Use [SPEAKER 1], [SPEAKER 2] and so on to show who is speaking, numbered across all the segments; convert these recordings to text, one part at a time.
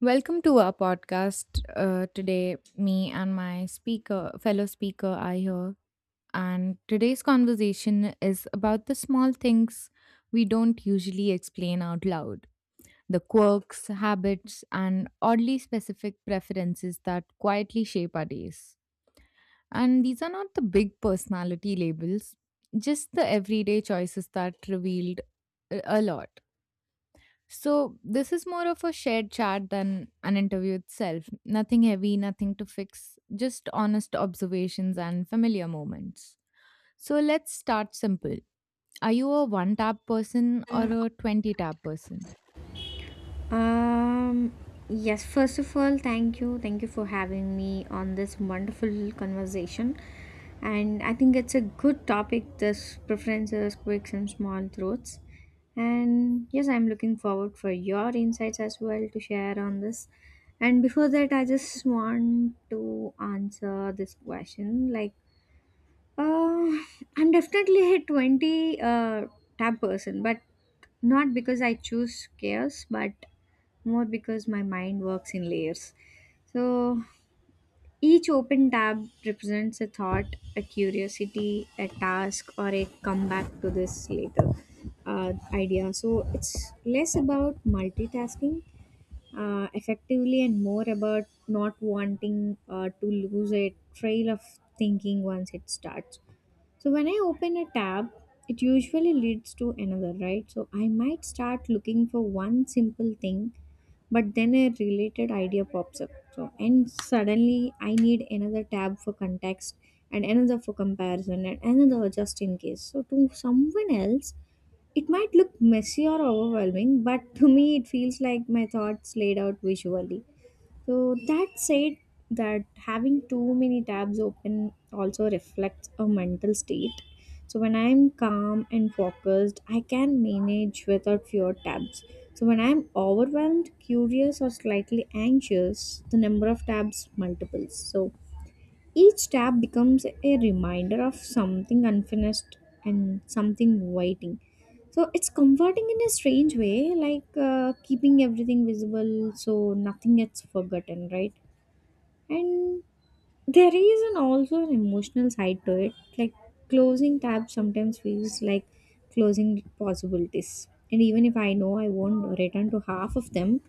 [SPEAKER 1] Welcome to our podcast. Today, me and fellow speaker are here. And today's conversation is about the small things we don't usually explain out loud: the quirks, habits, and oddly specific preferences that quietly shape our days. And these are not the big personality labels, just the everyday choices that revealed a lot. So this is more of a shared chat than an interview itself. Nothing heavy, nothing to fix, just honest observations and familiar moments. So let's start simple. Are you a one tap person or a 20 tap person?
[SPEAKER 2] Um, yes, first of all, thank you. Thank you for having me on this wonderful conversation. And I think it's a good topic, this preferences, quirks, and small truths. And yes, I'm looking forward for your insights as well to share on this. And before that, I just want to answer this question. Uh, I'm definitely a 20 tab person, but not because I choose chaos, but more because my mind works in layers. So each open tab represents a thought, a curiosity, a task, or a comeback to this later idea. So it's less about multitasking effectively and more about not wanting to lose a trail of thinking once it starts. So when I open a tab, it usually leads to another, right? So I might start looking for one simple thing but then a related idea pops up. So, and suddenly I need another tab for context and another for comparison and another just in case. So, to someone else, it might look messy or overwhelming, but to me, it feels like my thoughts laid out visually. So that said, that having too many tabs open also reflects a mental state. So when I'm calm and focused, I can manage without fewer tabs. So when I'm overwhelmed, curious, or slightly anxious, the number of tabs multiples. So each tap becomes a reminder of something unfinished and something waiting. So it's comforting in a strange way, like keeping everything visible so nothing gets forgotten, right? And there is an also an emotional side to it. Like closing tabs sometimes feels like closing possibilities. And even if I know I won't return to half of them,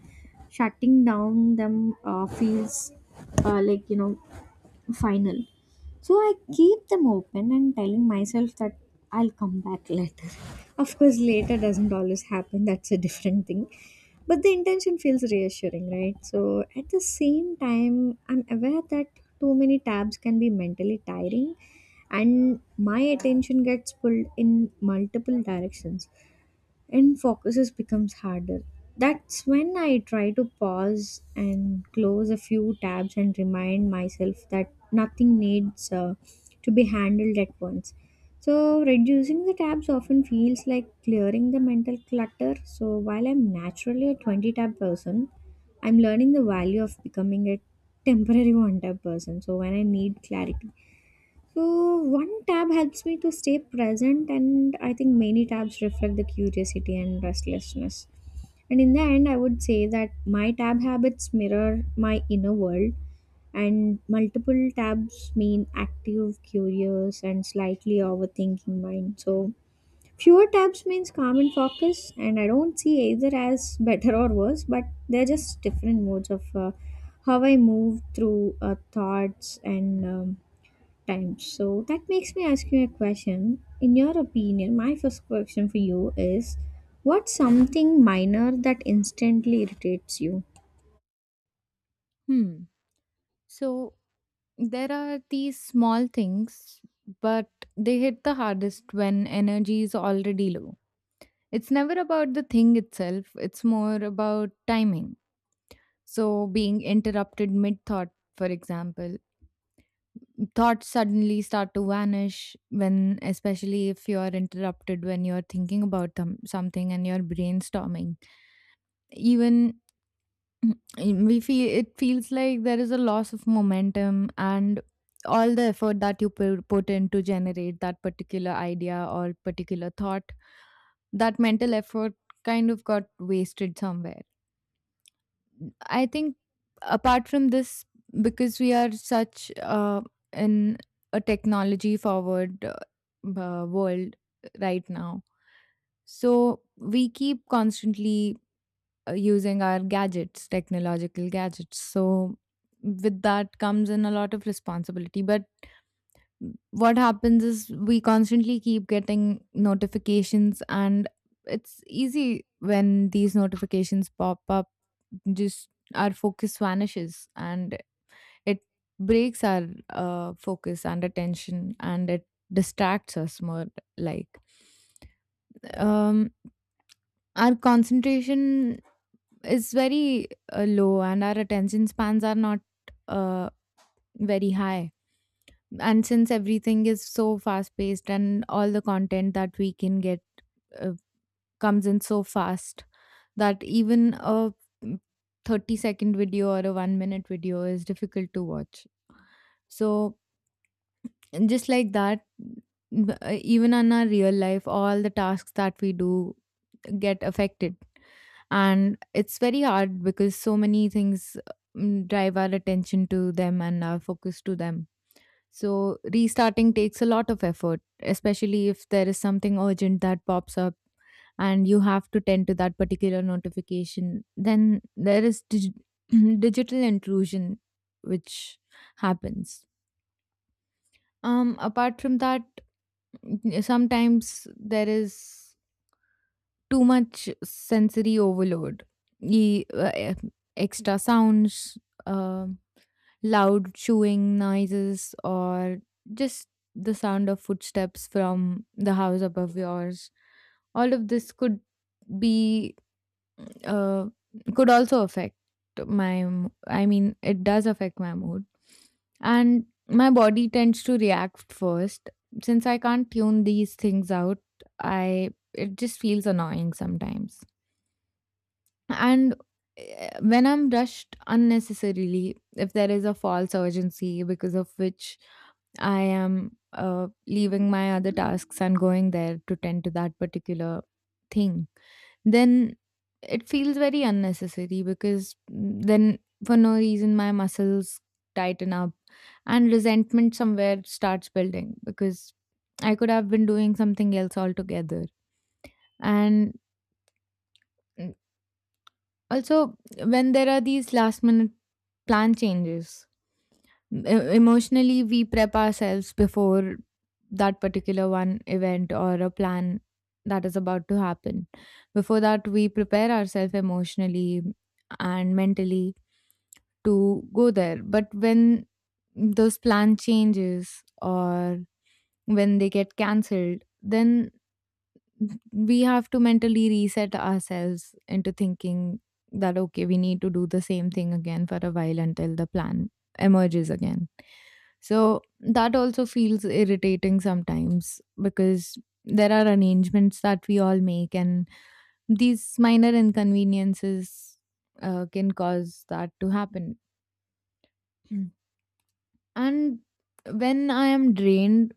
[SPEAKER 2] shutting down them feels uh, like you know final. So I keep them open and telling myself that I'll come back later. Of course, later doesn't always happen, that's a different thing. But the intention feels reassuring, right? So at the same time, I'm aware that too many tabs can be mentally tiring and my attention gets pulled in multiple directions and focuses becomes harder. That's when I try to pause and close a few tabs and remind myself that nothing needs to be handled at once. So, reducing the tabs often feels like clearing the mental clutter. So, while I'm naturally a 20 tab person, I'm learning the value of becoming a temporary one tab person. So, when I need clarity, so one tab helps me to stay present, and I think many tabs reflect the curiosity and restlessness. And in the end, I would say that my tab habits mirror my inner world, and multiple tabs mean active, curious, and slightly overthinking mind. So fewer tabs means calm and focus, and I don't see either as better or worse, but they're just different modes of how I move through thoughts and. Time. So that makes me ask you a question. In your opinion, my first question for you is what's something minor that instantly irritates you?
[SPEAKER 1] Hmm. So there are these small things, but they hit the hardest when energy is already low. It's never about the thing itself, it's more about timing. So, being interrupted mid thought, for example, thoughts suddenly start to vanish, when especially if you are interrupted when you're thinking about them, something, and you're brainstorming. Even we feel it feels like there is a loss of momentum, and all the effort that you put in to generate that particular idea or particular thought, that mental effort kind of got wasted somewhere, I think. Apart from this, because we are such in a technology forward world right now, so we keep constantly using our gadgets, technological gadgets. So with that comes in a lot of responsibility. But what happens is, we constantly keep getting notifications, and it's easy when these notifications pop up, just our focus vanishes, and it breaks our focus and attention, and it distracts us more. Like, um our concentration is very low, and our attention spans are not uh, very high, and since everything is so fast paced and all the content that we can get uh, comes in so fast, that even a mm, 30-second video or a 1 minute video is difficult to watch. So, and just like that, even on our real life, all the tasks that we do get affected, and it's very hard because so many things drive our attention to them and our focus to them. So, restarting takes a lot of effort, especially if there is something urgent that pops up and you have to tend to that particular notification. Then there is digital intrusion, which happens. Apart from that, sometimes there is too much sensory overload, e- uh, eh, extra sounds. um Loud chewing noises, or just the sound of footsteps from the house above yours, all of this could be uh, could also affect I mean, it does affect my mood, and my body tends to react first. Since I can't tune these things out, I it just feels annoying sometimes. And when I'm rushed unnecessarily, if there is a false urgency because of which I am leaving my other tasks and going there to tend to that particular thing, then it feels very unnecessary, because then for no reason my muscles tighten up and resentment somewhere starts building, because I could have been doing something else altogether. And also, when there are these last minute plan changes, emotionally we prep ourselves before that particular one event or a plan that is about to happen. Before that, we prepare ourselves emotionally and mentally to go there. But when those plan changes, or when they get cancelled, then we have to mentally reset ourselves into thinking that okay, we need to do the same thing again for a while until the plan emerges again. So that also feels irritating sometimes, because there are arrangements that we all make, and these minor inconveniences can cause that to happen. Mm. And when I am drained,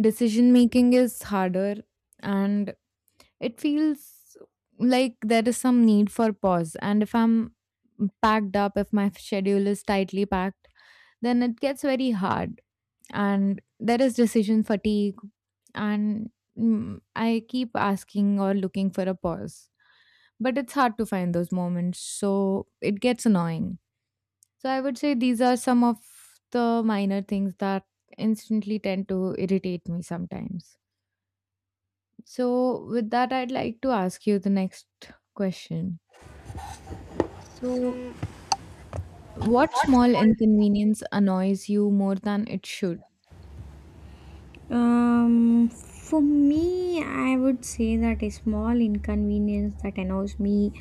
[SPEAKER 1] decision making is harder. And it feels like there is some need for pause. And if I'm packed up, if my schedule is tightly packed, then it gets very hard. And there is decision fatigue. And I keep asking or looking for a pause. But it's hard to find those moments. So it gets annoying. So I would say these are some of the minor things that instantly tend to irritate me sometimes. So, with that, I'd like to ask you the next question. So, what small inconvenience annoys you more than it should?
[SPEAKER 2] For me, I would say that a small inconvenience that annoys me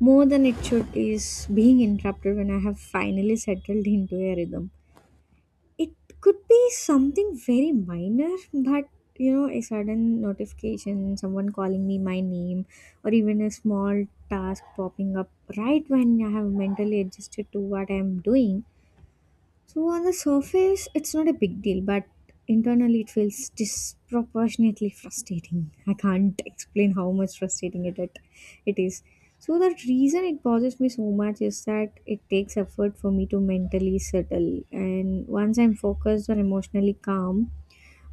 [SPEAKER 2] more than it should is being interrupted when I have finally settled into a rhythm. It could be something very minor, but you know, a sudden notification, someone calling me my name, or even a small task popping up right when I have mentally adjusted to what I am doing. So on the surface, it's not a big deal, but internally it feels disproportionately frustrating. I can't explain how much frustrating it is. So the reason it bothers me so much is that it takes effort for me to mentally settle, and once I'm focused or emotionally calm,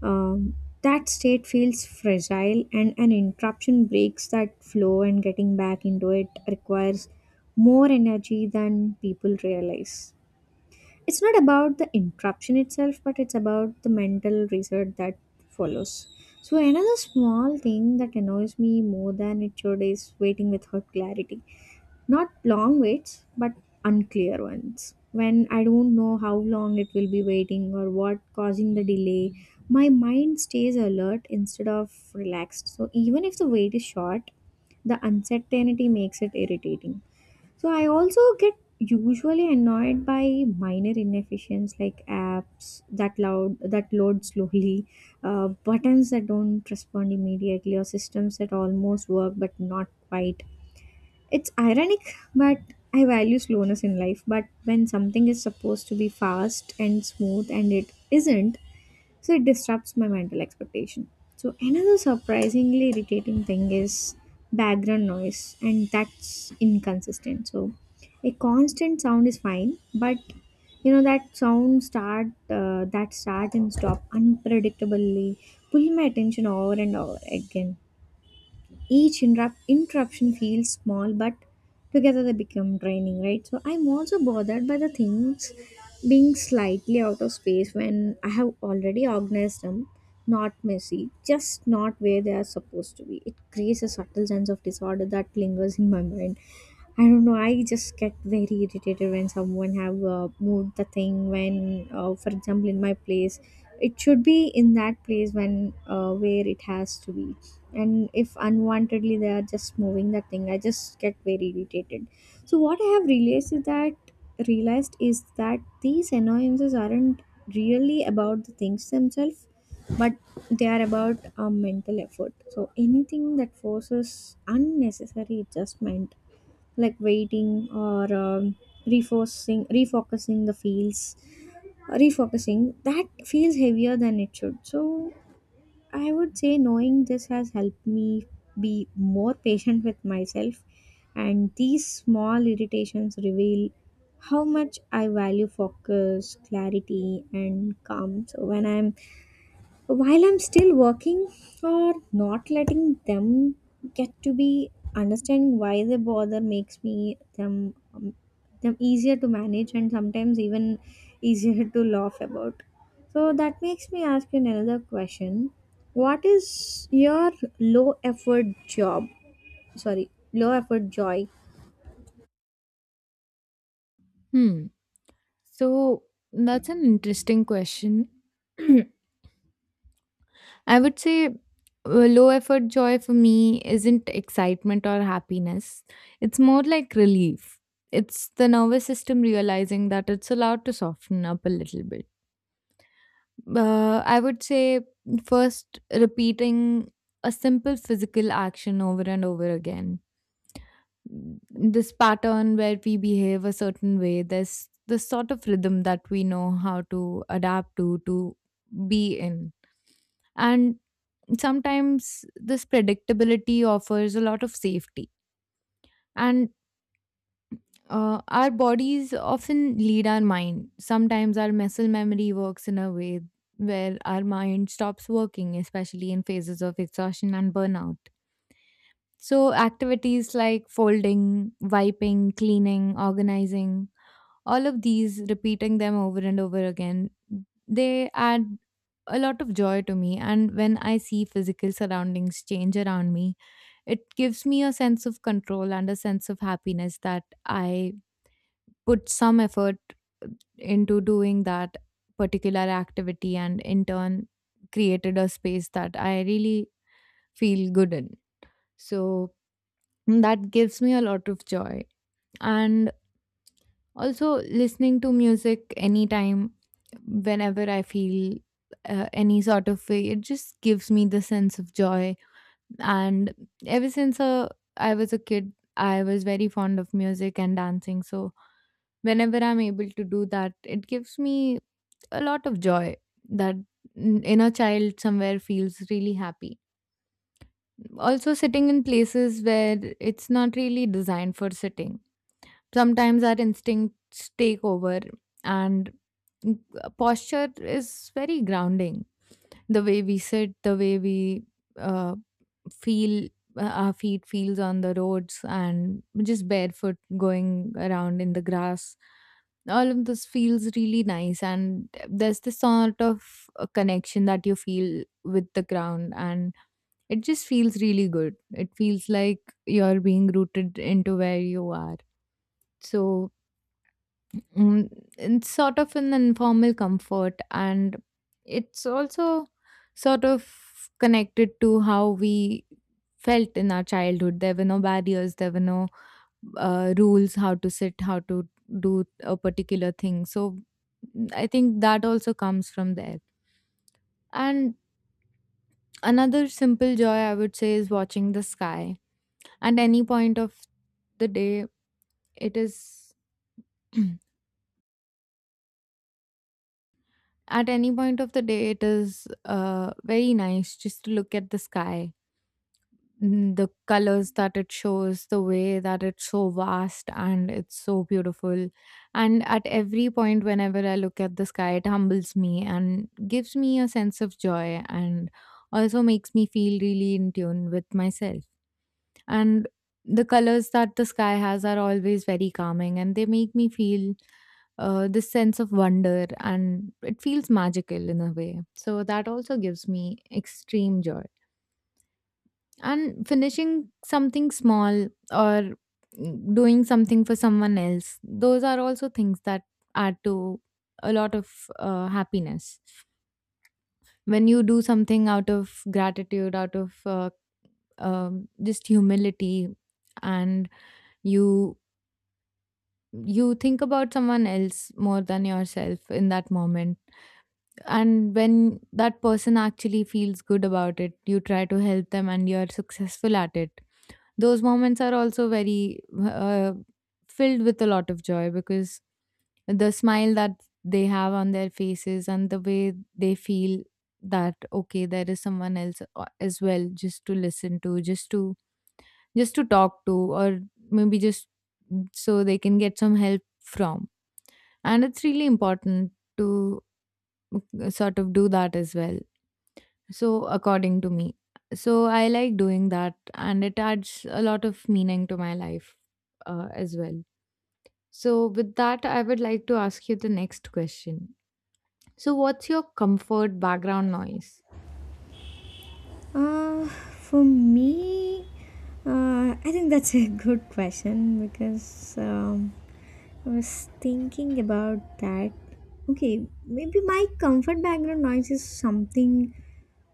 [SPEAKER 2] um, that state feels fragile, and an interruption breaks that flow, and getting back into it requires more energy than people realize. It's not about the interruption itself but it's about the mental reset that follows. So another small thing that annoys me more than it should is waiting without clarity. Not long waits, but unclear ones. When I don't know how long it will be waiting or what causing the delay, my mind stays alert instead of relaxed. So even if the wait is short, the uncertainty makes it irritating. So I also get usually annoyed by minor inefficiencies like apps that loud that load slowly, buttons that don't respond immediately, or systems that almost work but not quite. It's ironic, but I value slowness in life. But when something is supposed to be fast and smooth and it isn't, so it disrupts my mental expectation. So another surprisingly irritating thing is background noise and that's inconsistent. So a constant sound is fine, but you know that sound start that start and stop unpredictably pull my attention over and over again. Each interruption feels small, but together they become draining, right? So I'm also bothered by the things being slightly out of space when I have already organized them, not messy, just not where they are supposed to be. It creates a subtle sense of disorder that lingers in my mind. I don't know. I just get very irritated when someone have moved the thing. When, for example, in my place, it should be in that place when where it has to be, and if unwantedly they are just moving that thing, I just get very irritated. So what I have realized is that these annoyances aren't really about the things themselves, but they are about a mental effort. So anything that forces unnecessary adjustment like waiting or refocusing refocusing the fields refocusing, that feels heavier than it should. So I would say knowing this has helped me be more patient with myself, and these small irritations reveal how much I value focus, clarity, and calm. So, when I'm while I'm still working or not letting them get to be, understanding why they bother makes me them them easier to manage and sometimes even easier to laugh about. So that makes me ask you another question. What is your low effort job? Sorry, low effort joy.
[SPEAKER 1] Hmm. So, that's an interesting question. I would say low effort joy for me isn't excitement or happiness, it's more like relief. It's the nervous system realizing that it's allowed to soften up a little bit. I would say, first, repeating a simple physical action over and over again. This pattern where we behave a certain way, there's this sort of rhythm that we know how to adapt to be in. And sometimes this predictability offers a lot of safety. And our bodies often lead our mind. Sometimes our muscle memory works in a way where our mind stops working, especially in phases of exhaustion and burnout. So, activities like folding, wiping, cleaning, organizing, all of these, repeating them over and over again, they add a lot of joy to me. And when I see physical surroundings change around me, it gives me a sense of control and a sense of happiness that I put some effort uh, into doing that particular activity, and in turn created a space that I really feel good in. So that gives me a lot of joy. And also listening to music anytime, whenever I feel any sort of way, it just gives me the sense of joy. And ever since I was a kid, I was very fond of music and dancing. So whenever I'm able to do that, it gives me a lot of joy. That inner child somewhere feels really happy. Also, sitting in places where it's not really designed for sitting. Sometimes our instincts take over, and posture is very grounding. The way we sit, the way we uh, feel, our feet feels on the roads, and just barefoot going around in the grass, all of this feels really nice, and there's this sort of a connection that you feel with the ground. And it just feels really good, it feels like you're being rooted into where you are. So, mm, it's sort of an informal comfort, and it's also sort of connected to how we felt in our childhood. There were no barriers, there were no rules how to sit, how to do a particular thing, so I think that also comes from there. And another simple joy, I would say, is watching the sky at any point of the day. It is at any point of the day, it is very nice just to look at the sky. Mm, the colors that it shows, the way that it's so vast and it's so beautiful. And at every point, whenever I look at the sky, it humbles me and gives me a sense of joy, and also makes me feel really in tune with myself. And the colors that the sky has are always very calming, and they make me feel this sense of wonder, and it feels magical in a way. So that also gives me extreme joy. And finishing something small, or doing something for someone else, those are also things that add to a lot of happiness. When you do something out of gratitude, out of just humility, and you you think about someone else more than yourself in that moment, and when that person actually feels good about it, you try to help them and you're successful at it. Those moments are also very uh, filled with a lot of joy, because the smile that they have on their faces and the way they feel that okay, there is someone else as well, just to listen to, just to just to talk to, or maybe just so they can get some help from. And it's really important to sort of do that as well. So, according to me, so I like doing that, and it adds a lot of meaning to my life as well. So, with that, I would like to ask you the next question. So, what's your comfort background noise?
[SPEAKER 2] For me, I think that's a good question because I was thinking about that. Okay, maybe my comfort background noise is something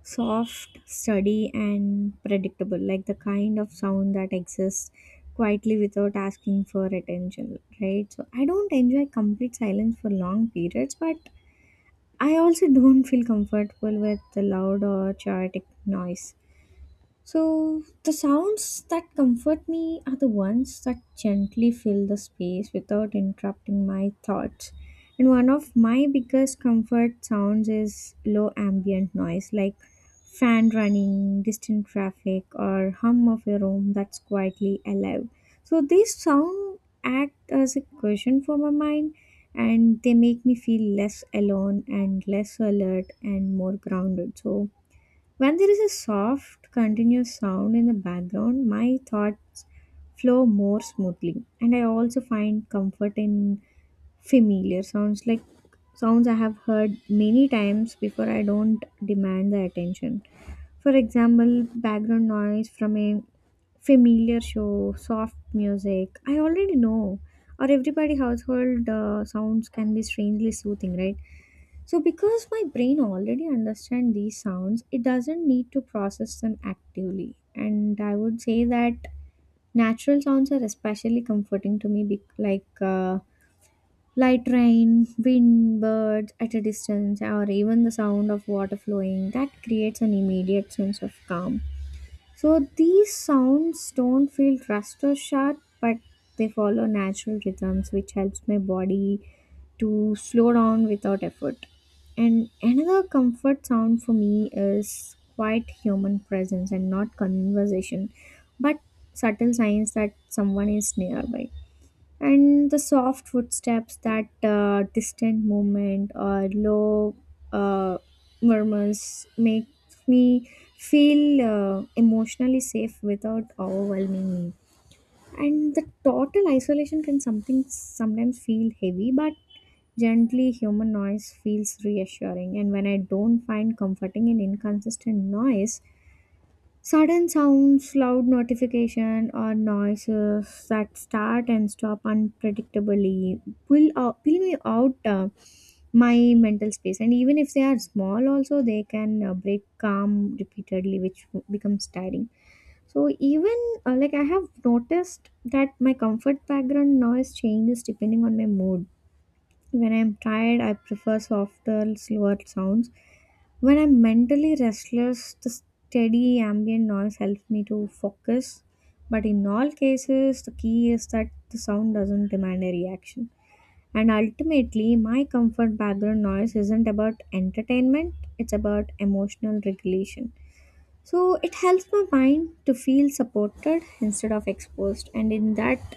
[SPEAKER 2] soft, steady, and predictable, like the kind of sound that exists quietly without asking for attention, right? So I don't enjoy complete silence for long periods, but I also don't feel comfortable with the loud or chaotic noise. So, the sounds that comfort me are the ones that gently fill the space without interrupting my thoughts. And one of my biggest comfort sounds is low ambient noise like fan running, distant traffic, or hum of a room that's quietly alive. So, these sounds act as a cushion for my mind and they make me feel less alone and less alert and more grounded. So, when there is a soft, continuous sound in the background, my thoughts flow more smoothly. And I also find comfort in familiar sounds like sounds I have heard many times before I don't demand the attention. For example, background noise from a familiar show, soft music, I already know. Or everybody household sounds can be strangely soothing, right? So because my brain already understands these sounds, it doesn't need to process them actively. And I would say that natural sounds are especially comforting to me, like light rain, wind, birds at a distance, or even the sound of water flowing. That creates an immediate sense of calm. So these sounds don't feel rushed or sharp, but they follow natural rhythms, which helps my body to slow down without effort. And another comfort sound for me is quiet human presence and not conversation, but subtle signs that someone is nearby, and the soft footsteps, that distant movement or low uh, murmurs make me feel emotionally safe without overwhelming me. And the total isolation can something sometimes feel heavy, but gently human noise feels reassuring. And when I don't find comforting in inconsistent noise, sudden sounds, loud notification, or noises that start and stop unpredictably will me out my mental space. And even if they are small, also they can break calm repeatedly, which becomes tiring. So even like I have noticed that my comfort background noise changes depending on my mood. When I'm tired, I prefer softer, slower sounds. When I'm mentally restless, the steady ambient noise helps me to focus. But in all cases, the key is that the sound doesn't demand a reaction. And ultimately, my comfort background noise isn't about entertainment, it's about emotional regulation. So it helps my mind to feel supported instead of exposed. And in that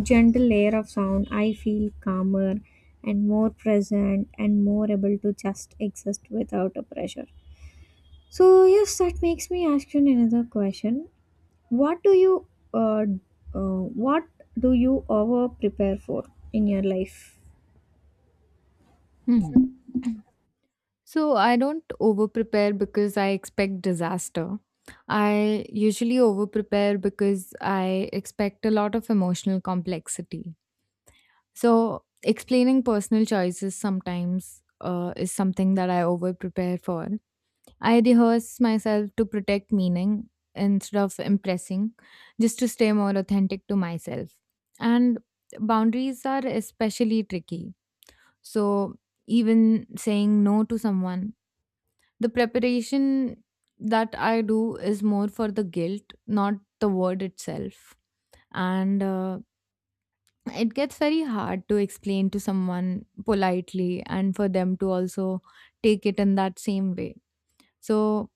[SPEAKER 2] gentle layer of sound, I feel calmer and more present and more able to just exist without a pressure. So yes, that makes me ask you another question. What do you uh, what do you over prepare for in your life?
[SPEAKER 1] Hmm. So, I don't over prepare because I expect disaster. I usually over prepare because I expect a lot of emotional complexity. So, explaining personal choices sometimes is something that I over prepare for. I rehearse myself to protect meaning instead of impressing, just to stay more authentic to myself. And boundaries are especially tricky. So, even saying no to someone, the preparation that I do is more for the guilt, not the word itself. And it gets very hard to explain to someone politely, and for them to also take it in that same way. So,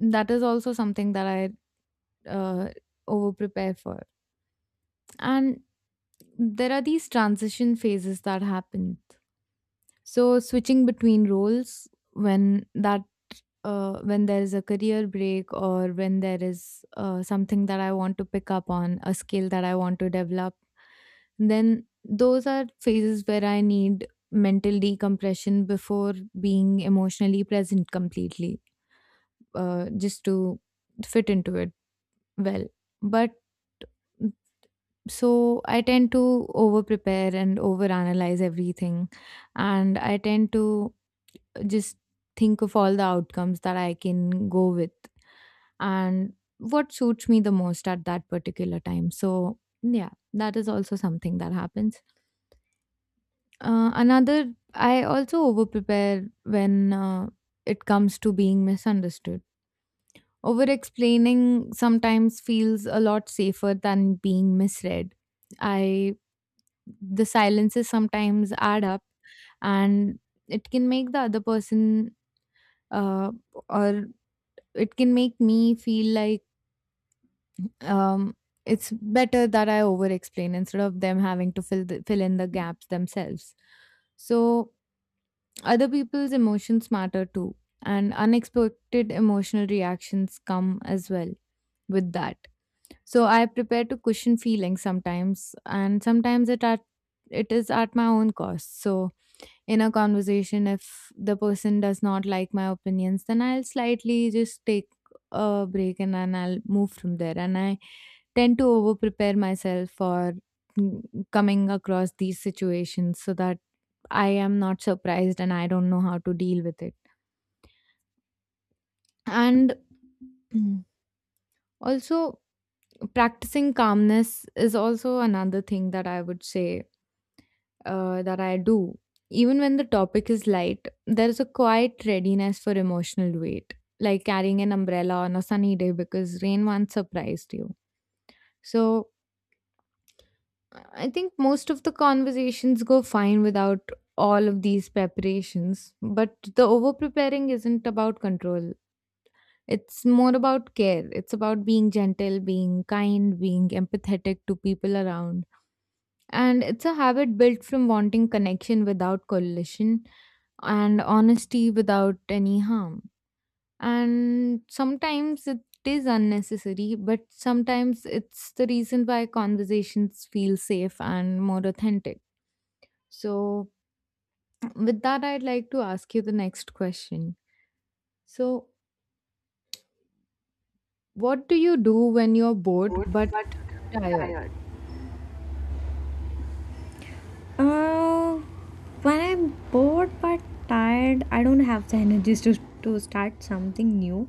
[SPEAKER 1] that is also something that I uh, over prepare for. And there are these transition phases that happen. So switching between roles, when that when there is a career break, or when there is something that I want to pick up on, a skill that I want to develop, then those are phases where I need mental decompression before being emotionally present completely, just to fit into it well. But so I tend to over prepare and over analyze everything, and I tend to just think of all the outcomes that I can go with, and what suits me the most at that particular time. So yeah, that is also something that happens. Another, I also over prepare when it comes to being misunderstood. Over explaining sometimes feels a lot safer than being misread. I The silences sometimes add up, and it can make the other person, uh, or it can make me feel like, um, it's better that I over explain instead of them having to fill in the gaps themselves. So other people's emotions matter too, and unexpected emotional reactions come as well with that. So I prepare to cushion feelings sometimes, and sometimes it at it is at my own cost. So in a conversation, if the person does not like my opinions, then I'll slightly just take a break and then I'll move from there. And I tend to over prepare myself for mm, coming across these situations, so that I am not surprised and I don't know how to deal with it. And also, practicing calmness is also another thing that I would say that I do. Even when the topic is light, there is a quiet readiness for emotional weight, like carrying an umbrella on a sunny day because rain once surprised you. So I think most of the conversations go fine without all of these preparations, but the over preparing isn't about control. It's more about care. It's about being gentle, being kind, being empathetic to people around. And it's a habit built from wanting connection without collision, and honesty without any harm. And sometimes it is unnecessary, but sometimes it's the reason why conversations feel safe and more authentic. So, with that, I'd like to ask you the next question. So, what do you do when you're bored but tired?
[SPEAKER 2] Uh, when I'm bored but tired, I don't have the energies to start something new.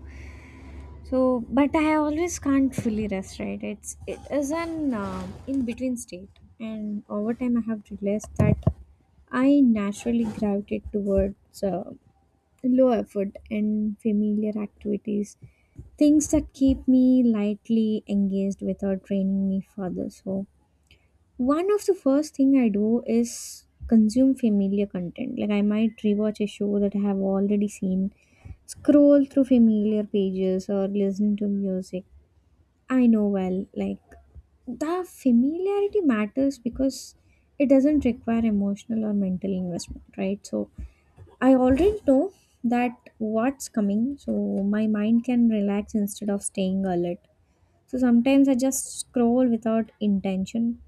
[SPEAKER 2] So, but I always can't fully rest, right? It is an in between state, and over time I have realized that I naturally gravitate towards. Low effort and familiar activities, things that keep me lightly engaged without draining me further. So one of the first thing I do is consume familiar content. Like I might rewatch a show that I have already seen, scroll through familiar pages, or listen to music I know well. Like the familiarity matters because it doesn't require emotional or mental investment, right? So I already know that what's coming, so my mind can relax instead of staying alert. So sometimes I just scroll without intention,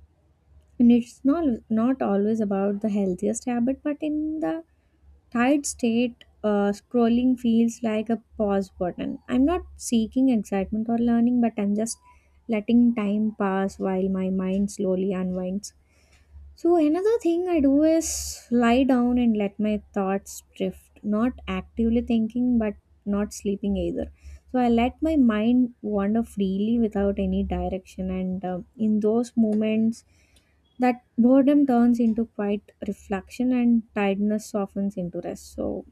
[SPEAKER 2] and it's not always about the healthiest habit, but in the tired state, scrolling feels like a pause button. I'm not seeking excitement or learning, but I'm just letting time pass while my mind slowly unwinds. So another thing I do is lie down and let my thoughts drift, not actively thinking but not sleeping either. So I let my mind wander freely without any direction and in those moments that boredom turns into quiet reflection and tiredness softens into rest. So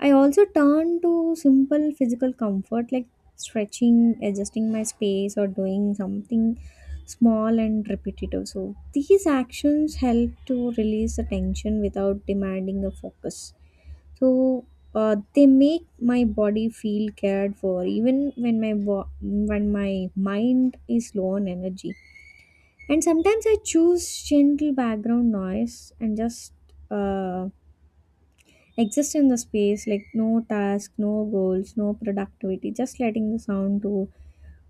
[SPEAKER 2] I also turn to simple physical comfort like stretching, adjusting my space, or doing something small and repetitive. So, these actions help to release the tension without demanding a focus. So, they make my body feel cared for even when my when my mind is low on energy. And sometimes I choose gentle background noise and just uh, exist in the space, like no task, no goals, no productivity, just letting the sound to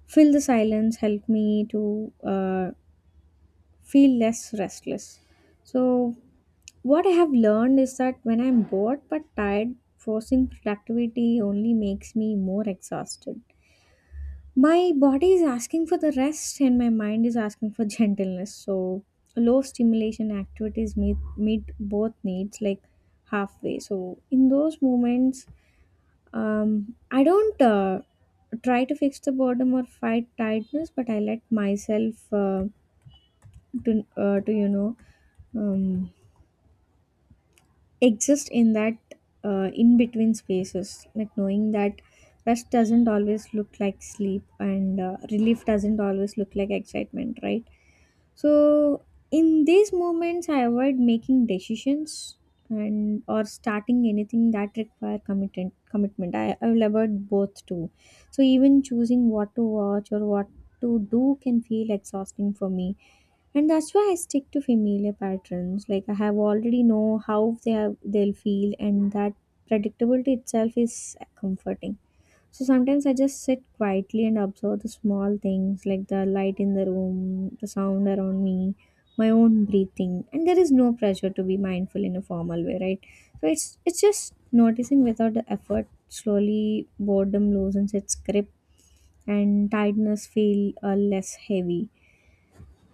[SPEAKER 2] fill the silence help me to uh, feel less restless. So what I have learned is that when I'm bored but tired, forcing productivity only makes me more exhausted. My body is asking for the rest and my mind is asking for gentleness. So low stimulation activities meet both needs like halfway. So in those moments, I don't try to fix the boredom or fight tiredness, but I let myself to you know um, exist in that in between spaces, like knowing that rest doesn't always look like sleep and relief doesn't always look like excitement, right? So in these moments, I avoid making decisions and or starting anything that require commitment. Commitment. I will avoid both too. So even choosing what to watch or what to do can feel exhausting for me, and that's why I stick to familiar patterns. Like I have already know how they are, they'll feel, and that predictability itself is comforting. So sometimes I just sit quietly and observe the small things, like the light in the room, the sound around me, my own breathing. And there is no pressure to be mindful in a formal way, right? So it's just noticing without the effort. Slowly boredom loosens its grip and tiredness feel less heavy.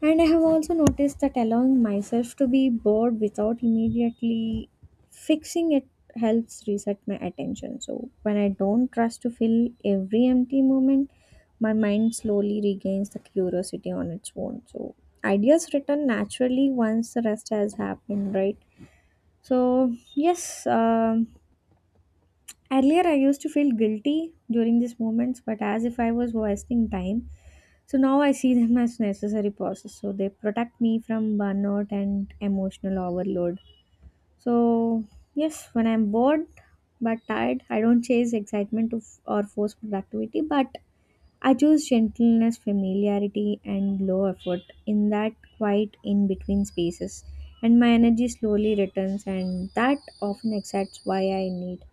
[SPEAKER 2] And I have also noticed that allowing myself to be bored without immediately fixing it helps reset my attention. So when I don't rush to fill every empty moment, my mind slowly regains the curiosity on its own. So ideas return naturally once the rest has happened, right? So yes, earlier I used to feel guilty during these moments, but as if I was wasting time. So now I see them as necessary pauses. So they protect me from burnout and emotional overload. So, yes, when I'm bored but tired, I don't chase excitement or force productivity, but I choose gentleness, familiarity, and low effort in that quiet in between spaces. And my energy slowly returns, and that often excites why I need.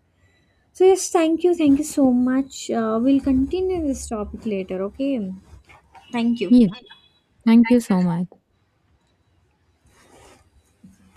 [SPEAKER 2] So, yes, thank you. Thank you so much. We'll continue this topic later, okay? Thank you.
[SPEAKER 1] Yeah, thank you so much.